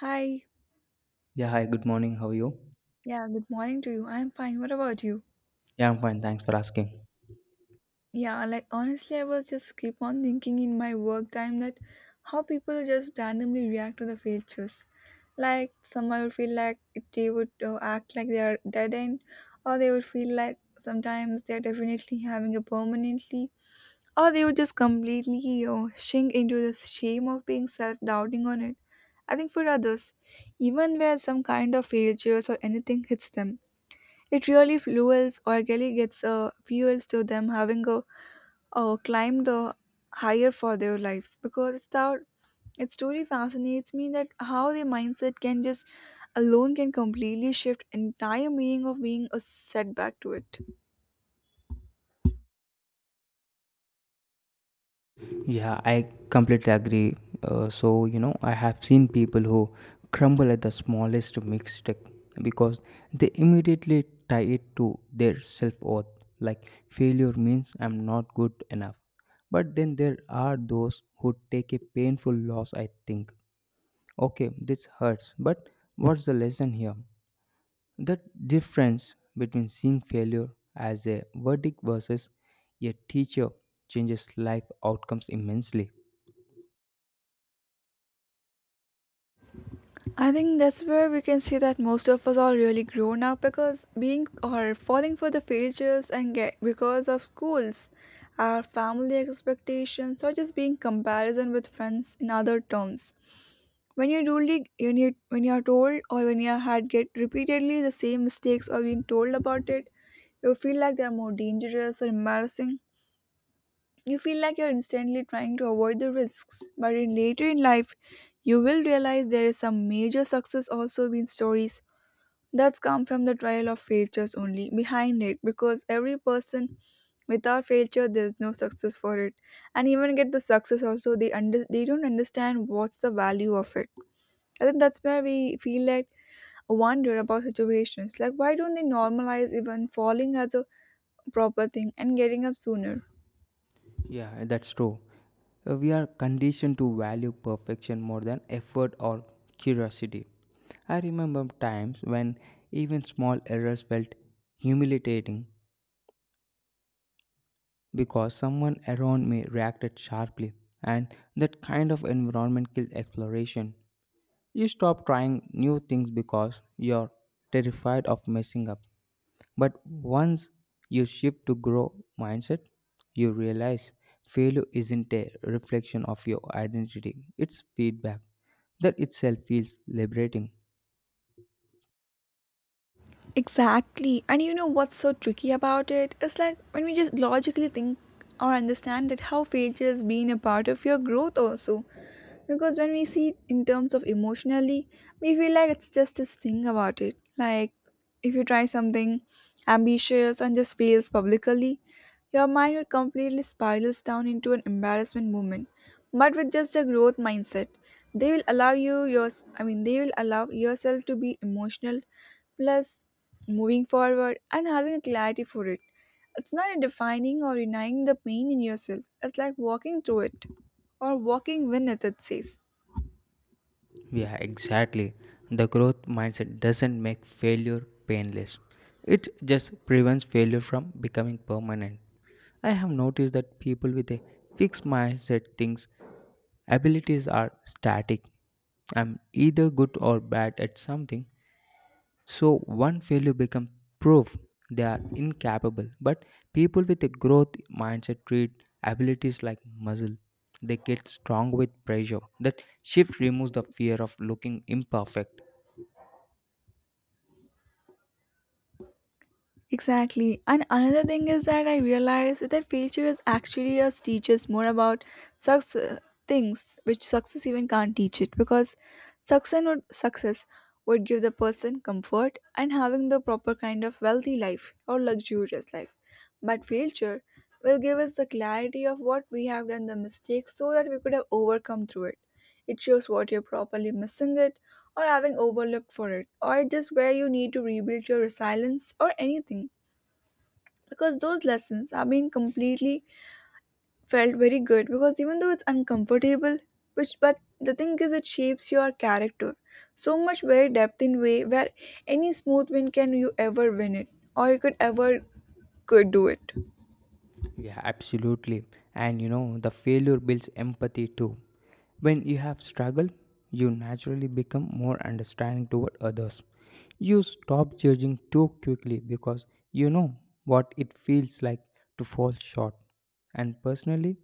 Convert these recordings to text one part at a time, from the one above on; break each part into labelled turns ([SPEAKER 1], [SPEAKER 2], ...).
[SPEAKER 1] Hi.
[SPEAKER 2] Yeah, hi, good morning. How are you?
[SPEAKER 1] Yeah, good morning to you. I'm fine. What about you?
[SPEAKER 2] Yeah, I'm fine. Thanks for asking.
[SPEAKER 1] Yeah, like honestly, I was just keep on thinking in my work time that how people just randomly react to the failures. Like some I would feel like they would act like they are dead end, or they would feel like sometimes they are definitely having a permanently, or they would just completely sink into the shame of being self-doubting on it. I think for others, even where some kind of failures or anything hits them. It really fuels or really gets fuels to them having a climb the higher for their life because it's that its story fascinates me that how the mindset can just alone can completely shift entire meaning of being a setback to it.
[SPEAKER 2] Yeah, I completely agree. I have seen people who crumble at the smallest mistake because they immediately tie it to their self worth. Like, failure means I'm not good enough. But then there are those who take a painful loss, I think. Okay, this hurts, but what's the lesson here? The difference between seeing failure as a verdict versus a teacher changes life outcomes immensely.
[SPEAKER 1] I think that's where we can see that most of us are really grown up because being or falling for the failures and get because of schools, our family expectations or just being comparison with friends in other terms. When you're when you are told or when you had get repeatedly the same mistakes or being told about it, you feel like they are more dangerous or embarrassing. You feel like you're instantly trying to avoid the risks, but in later in life, you will realize there is some major success also been stories that's come from the trial of failures only behind it because every person without failure there's no success for it, and even get the success also they under they don't understand what's the value of it. I think that's where we feel like wonder about situations. Like, why don't they normalize even falling as a proper thing and getting up sooner?
[SPEAKER 2] Yeah, that's true. We are conditioned to value perfection more than effort or curiosity. I remember times when even small errors felt humiliating because someone around me reacted sharply, and that kind of environment killed exploration. You stop trying new things because you're terrified of messing up. But once you shift to grow mindset, you realize failure isn't a reflection of your identity, it's feedback. That itself feels liberating.
[SPEAKER 1] Exactly. And you know what's so tricky about it? It's like when we just logically think or understand that how failure has been a part of your growth also. Because when we see it in terms of emotionally we feel like it's just this thing about it, like if you try something ambitious and just fails publicly your mind will completely spirals down into an embarrassment moment. But with just a growth mindset they will allow you yours I mean they will allow yourself to be emotional plus moving forward and having a clarity for it. It's not a defining or denying the pain in yourself. It's like walking through it or walking with it, it says.
[SPEAKER 2] Yeah, exactly. The growth mindset doesn't make failure painless. It just prevents failure from becoming permanent. I have noticed that people with a fixed mindset thinks abilities are static. I'm either good or bad at something, so one failure becomes proof they are incapable. But people with a growth mindset treat abilities like muscle. They get strong with pressure. That shift removes the fear of looking imperfect.
[SPEAKER 1] Exactly. And another thing is that I realized that failure is actually us teaches more about success, things which success even can't teach it, because success would give the person comfort and having the proper kind of wealthy life or luxurious life. But failure will give us the clarity of what we have done the mistakes so that we could have overcome through it. It shows what you're properly missing it or having overlooked for it, or just where you need to rebuild your resilience or anything. Because those lessons are being completely felt very good because even though it's uncomfortable, which but the thing is it shapes your character so much very depth in way where any smooth win can you ever win it or you could ever could do it.
[SPEAKER 2] Yeah, absolutely. And you know, the failure builds empathy too. When you have struggled, you naturally become more understanding toward others. You stop judging too quickly because you know what it feels like to fall short. And personally,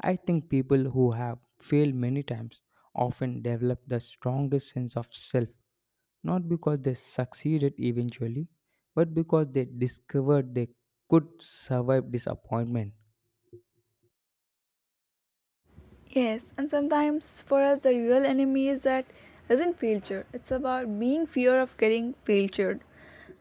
[SPEAKER 2] I think people who have failed many times often develop the strongest sense of self not because they succeeded eventually, but because they discovered they could survive disappointment.
[SPEAKER 1] Yes, and sometimes for us the real enemy is that isn't failure. It's about being fear of getting failed.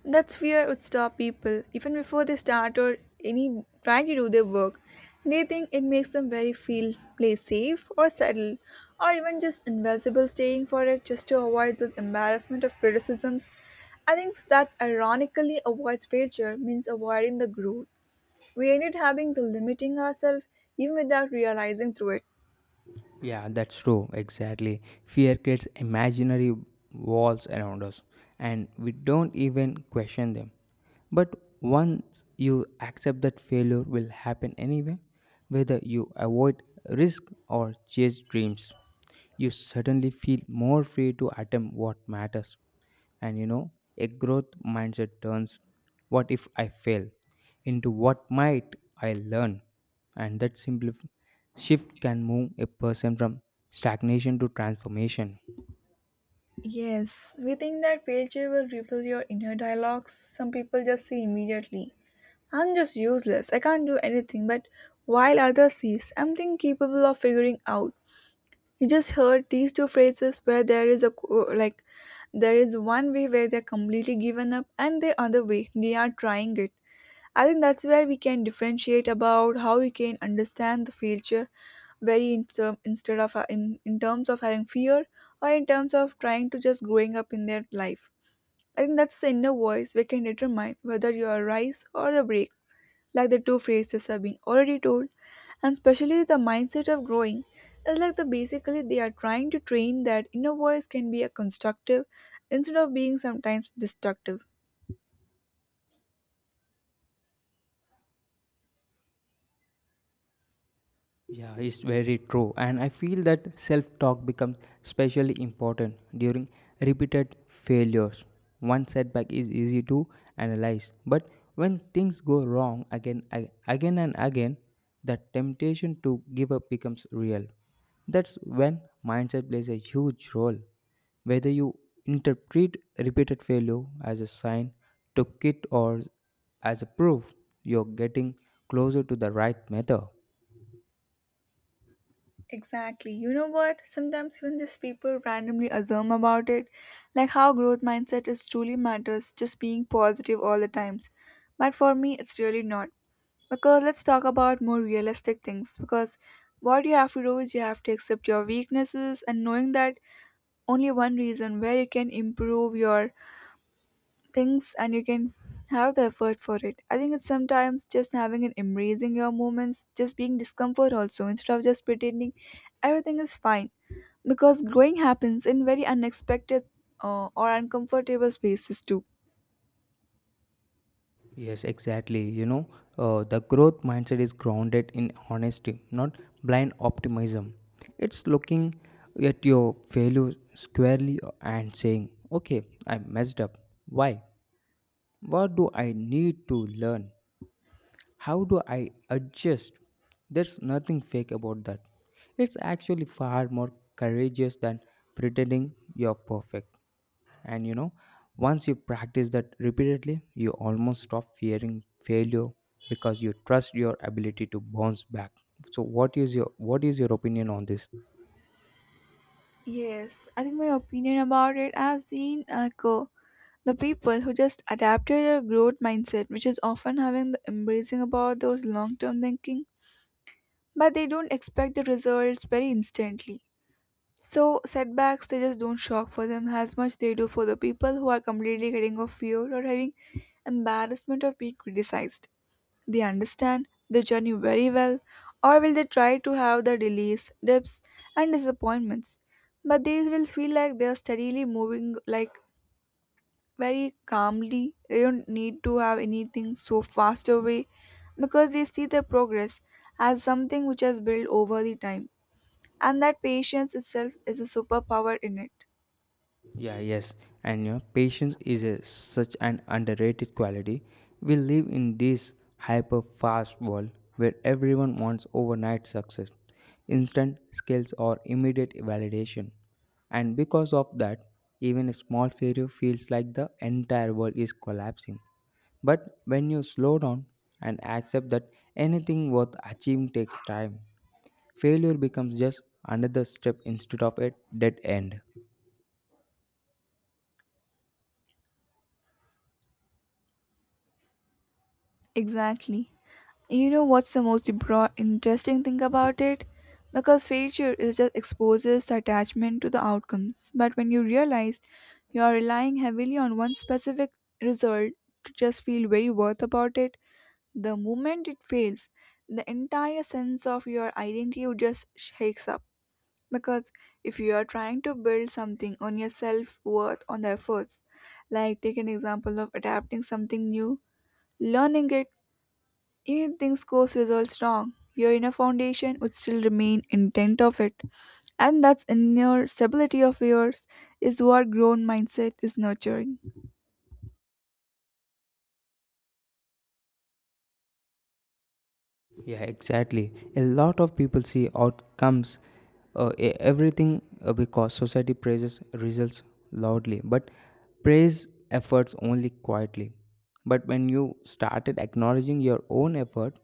[SPEAKER 1] That's fear would stop people even before they start or any trying to do their work. They think it makes them very feel play safe or settle, or even just invisible staying for it just to avoid those embarrassment of criticisms. I think that's ironically avoids failure means avoiding the growth. We ended having the limiting ourselves even without realizing through it.
[SPEAKER 2] Yeah, that's true, exactly. Fear creates imaginary walls around us, and we don't even question them. But once you accept that failure will happen anyway, whether you avoid risk or chase dreams, you suddenly feel more free to attempt what matters. And you know, a growth mindset turns what if I fail into what might I learn. And that simple shift can move a person from stagnation to transformation.
[SPEAKER 1] Yes, we think that failure will reveal your inner dialogues. Some people just see immediately. I'm just useless. I can't do anything. But while others see, something capable of figuring out. You just heard these two phrases where there is a like there is one way where they're completely given up and the other way they are trying it. I think that's where we can differentiate about how we can understand the future very in term, instead of in terms of having fear or in terms of trying to just growing up in their life. I think that's the inner voice we can determine whether you are a rise or the break, like the two phrases have been already told, and especially the mindset of growing is like the basically they are trying to train that inner voice can be a constructive instead of being sometimes destructive.
[SPEAKER 2] Yeah, it's very true. And I feel that self talk becomes especially important during repeated failures. One setback is easy to analyze, but when things go wrong again and again, the temptation to give up becomes real. That's when mindset plays a huge role. Whether you interpret repeated failure as a sign to quit or as a proof you're getting closer to the right method.
[SPEAKER 1] Exactly. You know what? Sometimes when these people randomly assume about it, like how growth mindset is truly matters, just being positive all the times. But for me, it's really not. Because let's talk about more realistic things. Because what you have to do is you have to accept your weaknesses and knowing that only one reason where you can improve your things and you can have the effort for it. I think it's sometimes just having and embracing your moments, just being discomfort also instead of just pretending everything is fine. Because growing happens in very unexpected or uncomfortable spaces too.
[SPEAKER 2] Yes, exactly. The growth mindset is grounded in honesty, not blind optimism. It's looking at your failure squarely and saying, okay, I messed up. Why? What do I need to learn? How do I adjust? There's nothing fake about that. It's actually far more courageous than pretending you're perfect. And you know, once you practice that repeatedly, you almost stop fearing failure because you trust your ability to bounce back. So what is your opinion on this?
[SPEAKER 1] Yes, I think my opinion about it, I've seen echo the people who just adapted a growth mindset, which is often having the embracing about those long term thinking, but they don't expect the results very instantly. So setbacks they just don't shock for them as much they do for the people who are completely getting off fear or having embarrassment of being criticized. They understand the journey very well, or will they try to have the delays, dips, and disappointments? But they will feel like they are steadily moving, like very calmly. They don't need to have anything so fast away because they see their progress as something which has built over the time, and that patience itself is a superpower in it.
[SPEAKER 2] Yeah, yes, and you know, patience is a, such an underrated quality. We live in this hyper fast world where everyone wants overnight success, instant skills, or immediate validation. And because of that, even a small failure feels like the entire world is collapsing. But when you slow down and accept that anything worth achieving takes time, failure becomes just another step instead of a dead end.
[SPEAKER 1] Exactly. You know what's the most interesting thing about it? Because failure is just exposes the attachment to the outcomes. But when you realize you are relying heavily on one specific result to just feel very worth about it, the moment it fails, the entire sense of your identity just shakes up. Because if you are trying to build something on your self worth on the efforts, like take an example of adapting something new, learning it, even things goes results wrong, your inner foundation would still remain intent of it. And that's inner stability of yours is what grown mindset is nurturing.
[SPEAKER 2] Yeah, exactly. A lot of people see outcomes, everything because society praises results loudly, but praise efforts only quietly. But when you started acknowledging your own effort,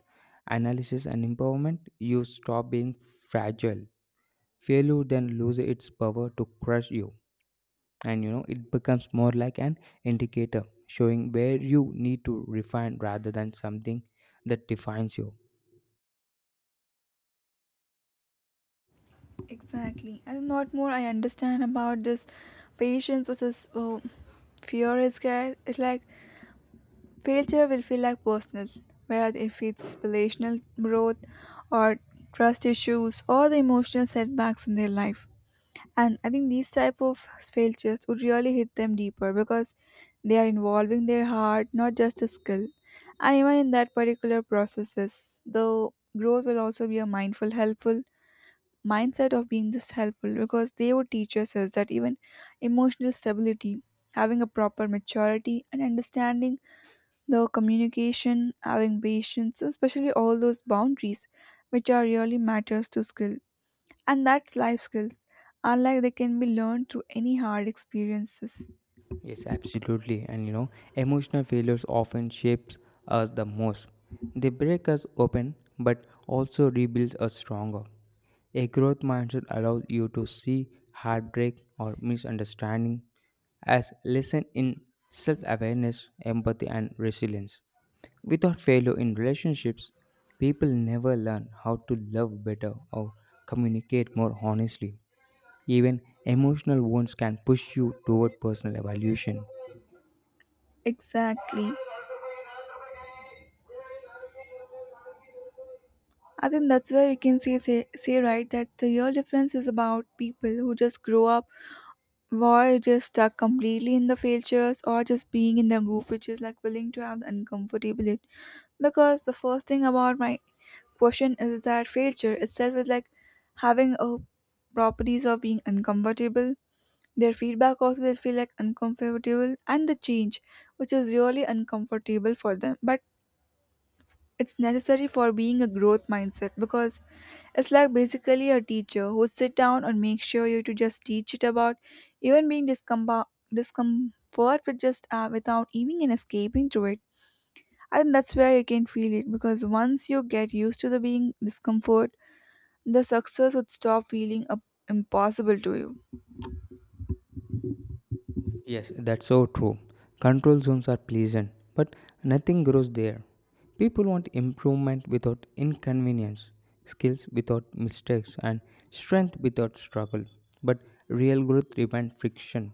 [SPEAKER 2] analysis, and empowerment, you stop being fragile. Failure then loses its power to crush you, and you know it becomes more like an indicator showing where you need to refine rather than something that defines you.
[SPEAKER 1] Exactly. And what more I understand about this patience versus oh, fear is scared. It's like failure will feel like personal, whether if it's relational growth or trust issues or the emotional setbacks in their life. And I think these type of failures would really hit them deeper because they are involving their heart, not just a skill. And even in that particular processes, the growth will also be a mindful, helpful mindset of being just helpful because they would teach us is that even emotional stability, having a proper maturity and understanding the communication, having patience, and especially all those boundaries which are really matters to skill. And that's life skills, unlike they can be learned through any hard experiences.
[SPEAKER 2] Yes, absolutely. And you know, emotional failures often shapes us the most. They break us open but also rebuild us stronger. A growth mindset allows you to see heartbreak or misunderstanding as lesson in self-awareness, empathy and resilience. Without failure in relationships, people never learn how to love better or communicate more honestly. Even emotional wounds can push you toward personal evolution.
[SPEAKER 1] Exactly. I think that's where we can say right that the real difference is about people who just grow up were just stuck completely in the failures or just being in the group which is like willing to have the uncomfortability because the first thing about my question is that failure itself is like having a properties of being uncomfortable. Their feedback also they feel like uncomfortable and the change, which is really uncomfortable for them. But it's necessary for being a growth mindset because it's like basically a teacher who sit down and make sure you to just teach it about even being discomfort with just without even and escaping through it. I think that's where you can feel it because once you get used to the being discomfort, the success would stop feeling up impossible to you.
[SPEAKER 2] Yes, that's so true. Control zones are pleasant, but nothing grows there. People want improvement without inconvenience, skills without mistakes, and strength without struggle. But real growth demands friction.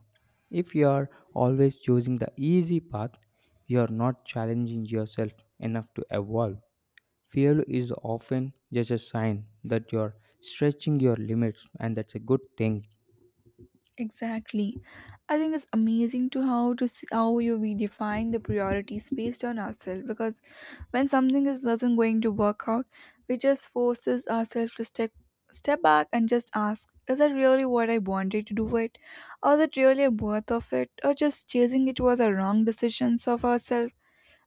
[SPEAKER 2] If you are always choosing the easy path, you are not challenging yourself enough to evolve. Failure is often just a sign that you are stretching your limits, and that's a good thing.
[SPEAKER 1] Exactly. I think it's amazing to how to see how you we define the priorities based on ourselves because when something is doesn't going to work out, we just forces ourselves to step back and just ask, is that really what I wanted to do it? Or is it really worth of it? Or just chasing it was a wrong decisions of ourselves?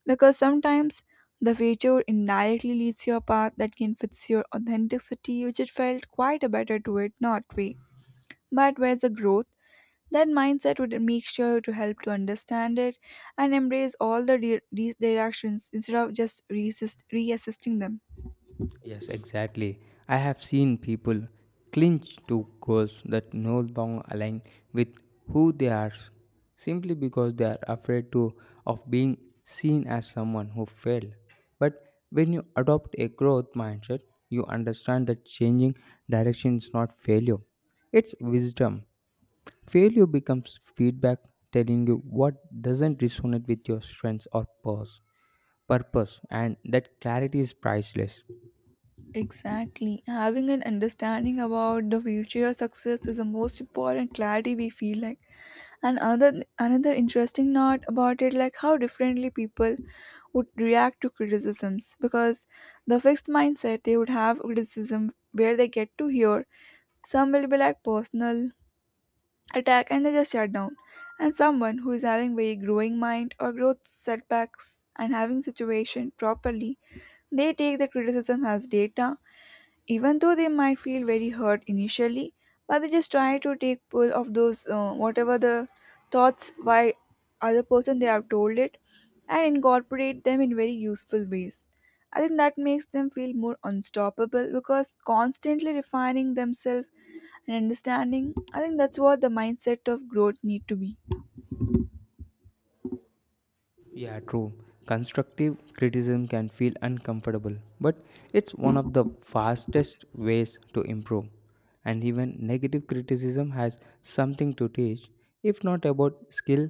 [SPEAKER 1] Because sometimes the future indirectly leads you a path that can fit your authenticity, which it felt quite a better to it not way. But where's the growth? That mindset would make sure to help to understand it and embrace all the directions instead of just reassisting them.
[SPEAKER 2] Yes, exactly. I have seen people clinch to goals that no longer align with who they are simply because they are afraid to of being seen as someone who failed. But when you adopt a growth mindset, you understand that changing direction is not failure. It's wisdom. Failure becomes feedback telling you what doesn't resonate with your strengths or purpose. Purpose and that clarity is priceless.
[SPEAKER 1] Exactly. Having an understanding about the future success is the most important clarity we feel like. And another interesting note about it, like how differently people would react to criticisms, because the fixed mindset, they would have criticism where they get to hear, some will be like personal attack and they just shut down. And someone who is having very growing mind or growth setbacks and having situation properly, they take the criticism as data, even though they might feel very hurt initially, but they just try to take pull of those whatever the thoughts by other person they have told it, and incorporate them in very useful ways. I think that makes them feel more unstoppable because constantly refining themselves and understanding. I think that's what the mindset of growth need to be.
[SPEAKER 2] Yeah, true. Constructive criticism can feel uncomfortable, but it's one of the fastest ways to improve. And even negative criticism has something to teach, if not about skill,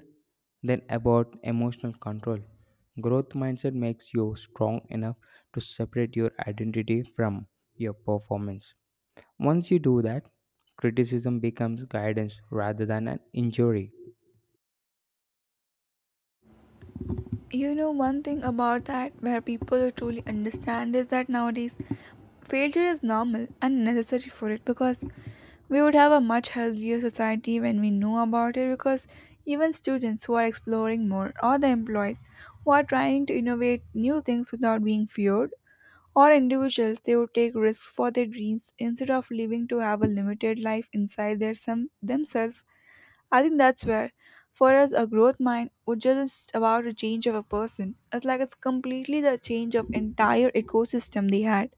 [SPEAKER 2] then about emotional control. Growth mindset makes you strong enough to separate your identity from your performance. Once you do that, criticism becomes guidance rather than an injury.
[SPEAKER 1] You know one thing about that where people truly understand is that nowadays failure is normal and necessary for it. Because we would have a much healthier society when we know about it, because even students who are exploring more, or the employees who are trying to innovate new things without being feared, or individuals, they would take risks for their dreams instead of living to have a limited life inside their some themselves. I think that's where, for us, a growth mind would just about a change of a person. It's like it's completely the change of entire ecosystem they had.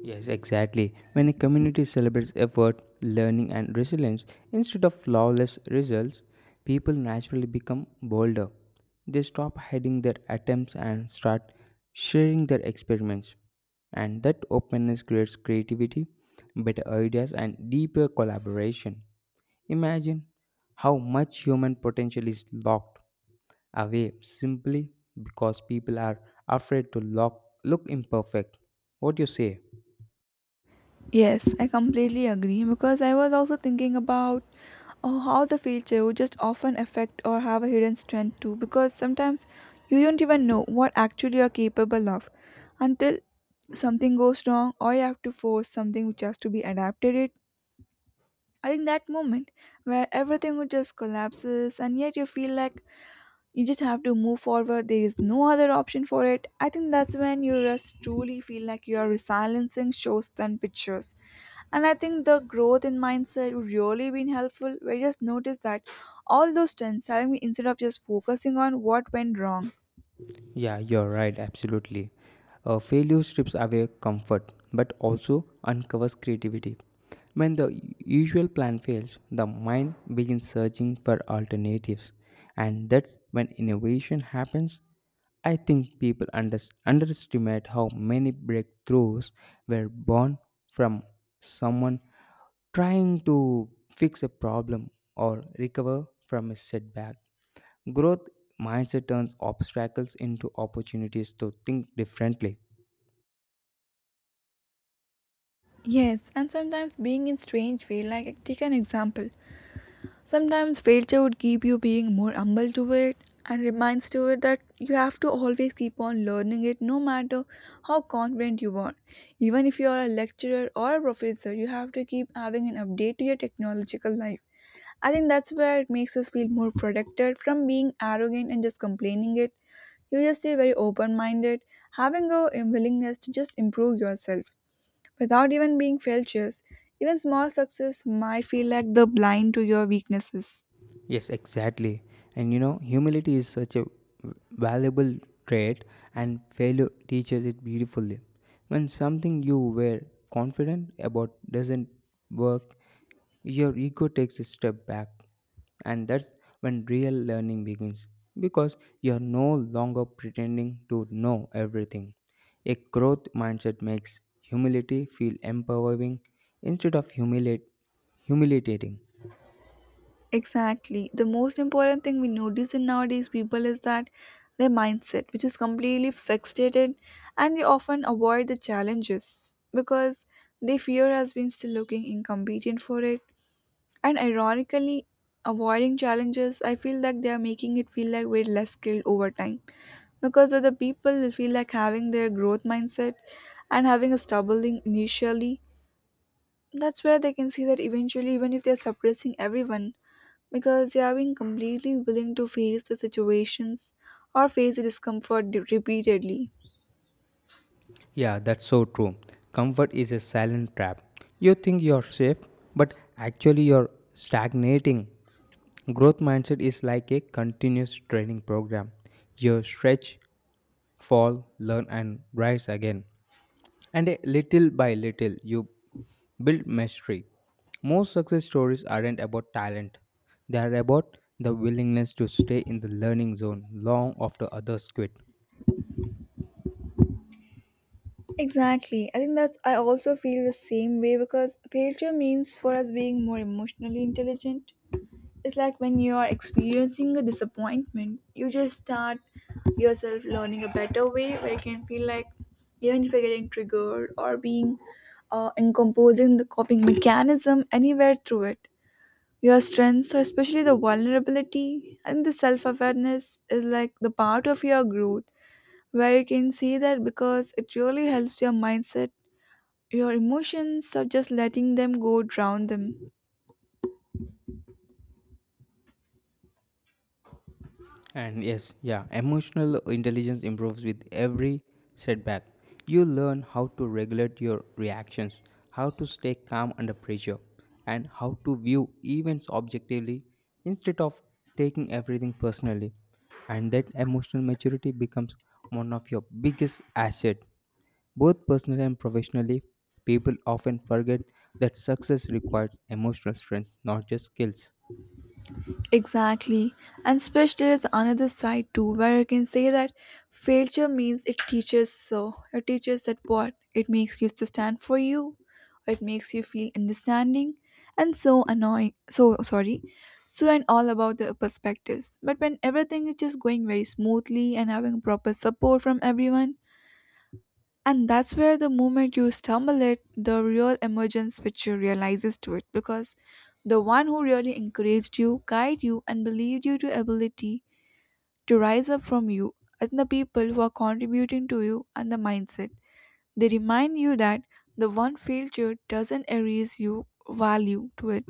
[SPEAKER 2] Yes, exactly. When a community celebrates effort, learning, and resilience instead of flawless results, people naturally become bolder. They stop hiding their attempts and start sharing their experiments. And that openness creates creativity, better ideas, and deeper collaboration. Imagine how much human potential is locked away simply because people are afraid to look imperfect. What do you say?
[SPEAKER 1] Yes, I completely agree because I was also thinking about how the feature would just often affect or have a hidden strength too, because sometimes you don't even know what actually you're capable of until something goes wrong, or you have to force something which has to be adapted it. I think that moment where everything would just collapses and yet you feel like you just have to move forward, there is no other option for it. I think that's when you just truly feel like you are silencing shows than pictures. And I think the growth in mindset would really been helpful, where you just notice that all those trends having me instead of just focusing on what went wrong.
[SPEAKER 2] Yeah, you're right, absolutely. Failure strips away comfort but also uncovers creativity. When the usual plan fails, the mind begins searching for alternatives, and that's when innovation happens. I think people underestimate how many breakthroughs were born from someone trying to fix a problem or recover from a setback. Growth mindset turns obstacles into opportunities to think differently.
[SPEAKER 1] Yes, and sometimes being in strange way, like take an example, sometimes failure would keep you being more humble to it and reminds to it that you have to always keep on learning it, no matter how confident you are. Even if you are a lecturer or a professor, you have to keep having an update to your technological life. I think that's where it makes us feel more protected from being arrogant and just complaining it. You just stay very open minded, having a willingness to just improve yourself without even being failures. Even small success might feel like the blind to your weaknesses.
[SPEAKER 2] Yes, exactly. And you know, humility is such a valuable trait, and failure teaches it beautifully. When something you were confident about doesn't work, your ego takes a step back, and that's when real learning begins because you're no longer pretending to know everything. A growth mindset makes humility feel empowering instead of humiliating.
[SPEAKER 1] Exactly. The most important thing we notice in nowadays people is that their mindset, which is completely fixated, and they often avoid the challenges because they fear has been still looking incompetent for it. And ironically, avoiding challenges, I feel like they are making it feel like we're less skilled over time. Because with the people, they feel like having their growth mindset and having a stumbling initially, that's where they can see that eventually, even if they're suppressing everyone, because they are being completely willing to face the situations or face the discomfort repeatedly.
[SPEAKER 2] Yeah, that's so true. Comfort is a silent trap. You think you're safe, but actually you're stagnating. Growth mindset is like a continuous training program. You stretch, fall, learn, and rise again. And a little by little, you build mastery. Most success stories aren't about talent, they are about the willingness to stay in the learning zone long after others quit.
[SPEAKER 1] Exactly. I think that's, I also feel the same way because failure means for us being more emotionally intelligent. It's like when you are experiencing a disappointment, you just start yourself learning a better way where you can feel like even if you're getting triggered or being in composing the coping mechanism anywhere through it. Your strengths, so especially the vulnerability and the self awareness, is like the part of your growth where you can see that, because it really helps your mindset, your emotions, of just letting them go drown them.
[SPEAKER 2] And yes, yeah, emotional intelligence improves with every setback. You learn how to regulate your reactions, how to stay calm under pressure, and how to view events objectively instead of taking everything personally. And that emotional maturity becomes one of your biggest asset, both personally and professionally. People often forget that success requires emotional strength, not just skills.
[SPEAKER 1] Exactly. And Spish, there is another side too, where you can say that failure means it teaches so. It teaches that what? It makes you to stand for you. It makes you feel understanding and so annoying. So sorry. So and all about the perspectives. But when everything is just going very smoothly and having proper support from everyone, and that's where the moment you stumble it, the real emergence picture realizes to it because the one who really encouraged you, guided you, and believed you to ability to rise up from you, and the people who are contributing to you and the mindset, they remind you that the one failure doesn't erase your value to it.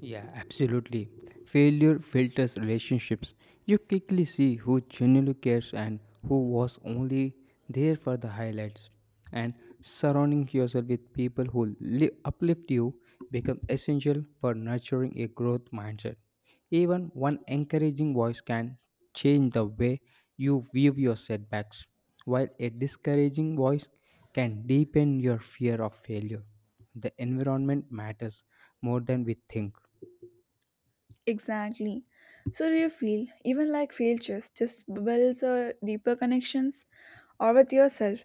[SPEAKER 2] Yeah, absolutely. Failure filters relationships. You quickly see who genuinely cares and who was only there for the highlights. And surrounding yourself with people who uplift you becomes essential for nurturing a growth mindset. Even one encouraging voice can change the way you view your setbacks, while a discouraging voice can deepen your fear of failure. The environment matters more than we think.
[SPEAKER 1] Exactly. So do you feel even like failures just builds a deeper connections or with yourself?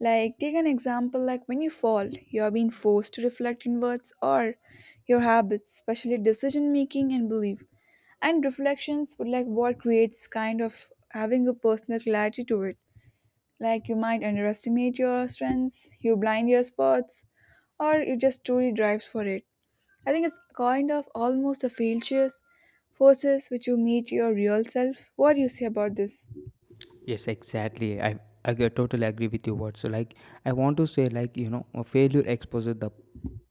[SPEAKER 1] Like take an example, like when you fall, you are being forced to reflect inwards or your habits, especially decision making and belief. And reflections would like what creates kind of having a personal clarity to it. Like you might underestimate your strengths, you blind your spots, or you just truly drives for it. I think it's kind of almost the features, forces which you meet your real self. What do you say about this?
[SPEAKER 2] Yes, exactly. Totally agree with you. What so like I want to say like you know a failure exposes the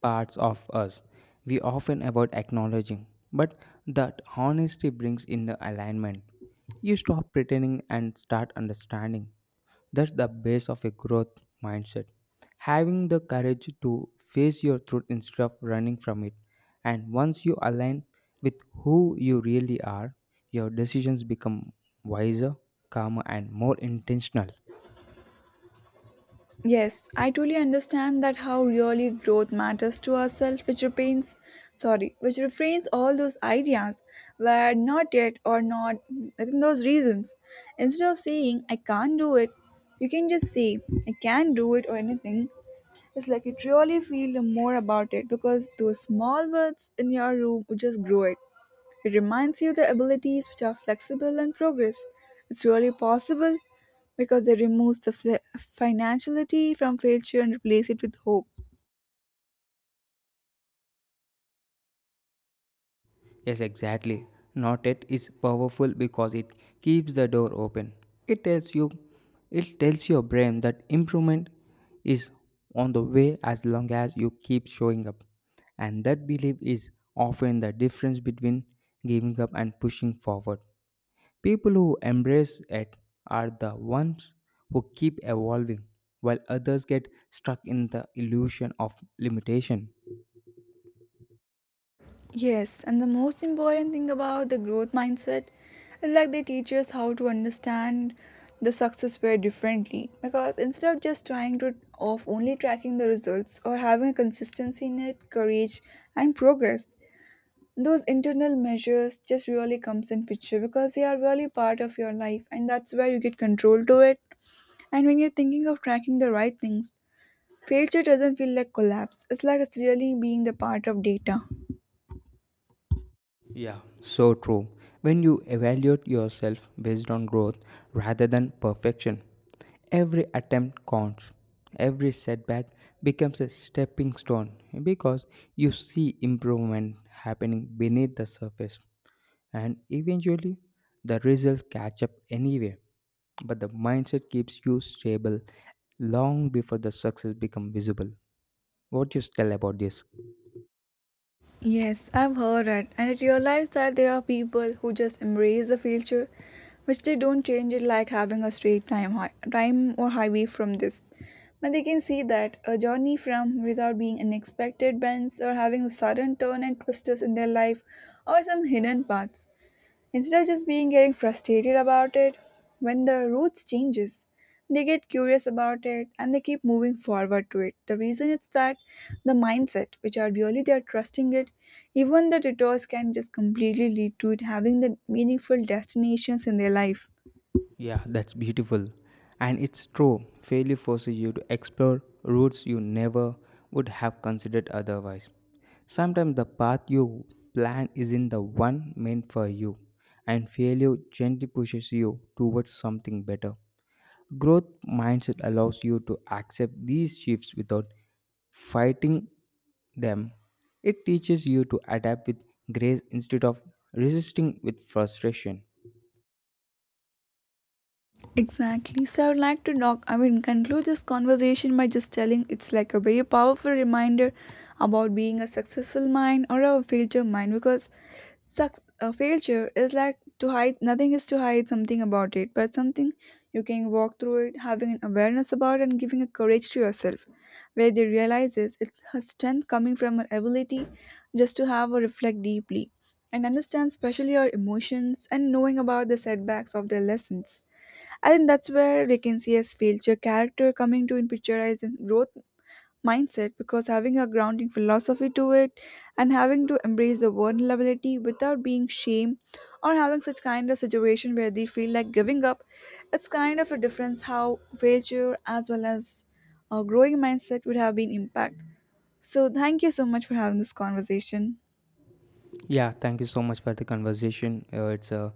[SPEAKER 2] parts of us we often avoid acknowledging, but that honesty brings in the alignment. You stop pretending and start understanding. That's the base of a growth mindset. Having the courage to face your truth instead of running from it. And once you align with who you really are, your decisions become wiser, calmer, and more intentional.
[SPEAKER 1] Yes, I truly understand that how really growth matters to ourselves, which remains, sorry, which refrains all those ideas where not yet or not, I think those reasons. Instead of saying I can't do it, you can just say I can do it or anything. It's like it really feel more about it because those small words in your room would just grow it. It reminds you the abilities which are flexible and progress. It's really possible because it removes the financiality from failure and replace it with hope.
[SPEAKER 2] Yes, exactly. Not yet is powerful because it keeps the door open. It tells you, it tells your brain that improvement is on the way as long as you keep showing up. And that belief is often the difference between giving up and pushing forward. People who embrace it are the ones who keep evolving, while others get stuck in the illusion of limitation.
[SPEAKER 1] Yes, and the most important thing about the growth mindset is like they teach us how to understand the success very differently, because instead of just trying to of only tracking the results or having a consistency in it, courage and progress, those internal measures just really comes in picture because they are really part of your life and that's where you get control to it. And when you're thinking of tracking the right things, failure doesn't feel like collapse. It's like it's really being the part of data.
[SPEAKER 2] Yeah, so true. When you evaluate yourself based on growth rather than perfection, every attempt counts. Every setback becomes a stepping stone because you see improvement happening beneath the surface, and eventually the results catch up anyway. But the mindset keeps you stable long before the success becomes visible. What do you tell about this?
[SPEAKER 1] Yes, I've heard it, and I realized that there are people who just embrace the feature, which they don't change it, like having a straight time, time or highway from this. But they can see that a journey from without being unexpected bends or having a sudden turn and twists in their life or some hidden paths. Instead of just being getting frustrated about it, when the routes changes, they get curious about it and they keep moving forward to it. The reason is that the mindset, which are really they are trusting it, even the detours can just completely lead to it having the meaningful destinations in their life.
[SPEAKER 2] Yeah, that's beautiful. And it's true, failure forces you to explore routes you never would have considered otherwise. Sometimes the path you plan isn't the one meant for you, and failure gently pushes you towards something better. Growth mindset allows you to accept these shifts without fighting them. It teaches you to adapt with grace instead of resisting with frustration.
[SPEAKER 1] Exactly. So I would like to knock I mean conclude this conversation by just telling it's like a very powerful reminder about being a successful mind or a failure mind. Because Suc failure is like to hide nothing is to hide something about it, but something you can walk through it, having an awareness about it and giving a courage to yourself, where they realizes it's her strength coming from her ability just to have or reflect deeply and understand especially our emotions and knowing about the setbacks of their lessons. I think that's where we can see as failure character coming to in picture as in growth mindset, because having a grounding philosophy to it and having to embrace the vulnerability without being shamed or having such kind of situation where they feel like giving up, it's kind of a difference how failure as well as a growing mindset would have been impact. So thank you so much for having this conversation.
[SPEAKER 2] Yeah, thank you so much for the conversation. It's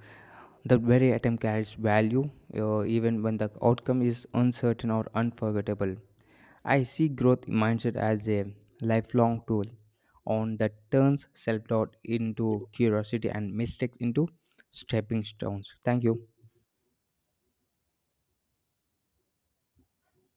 [SPEAKER 2] The very attempt carries value, even when the outcome is uncertain or unforgettable. I see growth mindset as a lifelong tool on that turns self doubt into curiosity and mistakes into stepping stones. Thank you.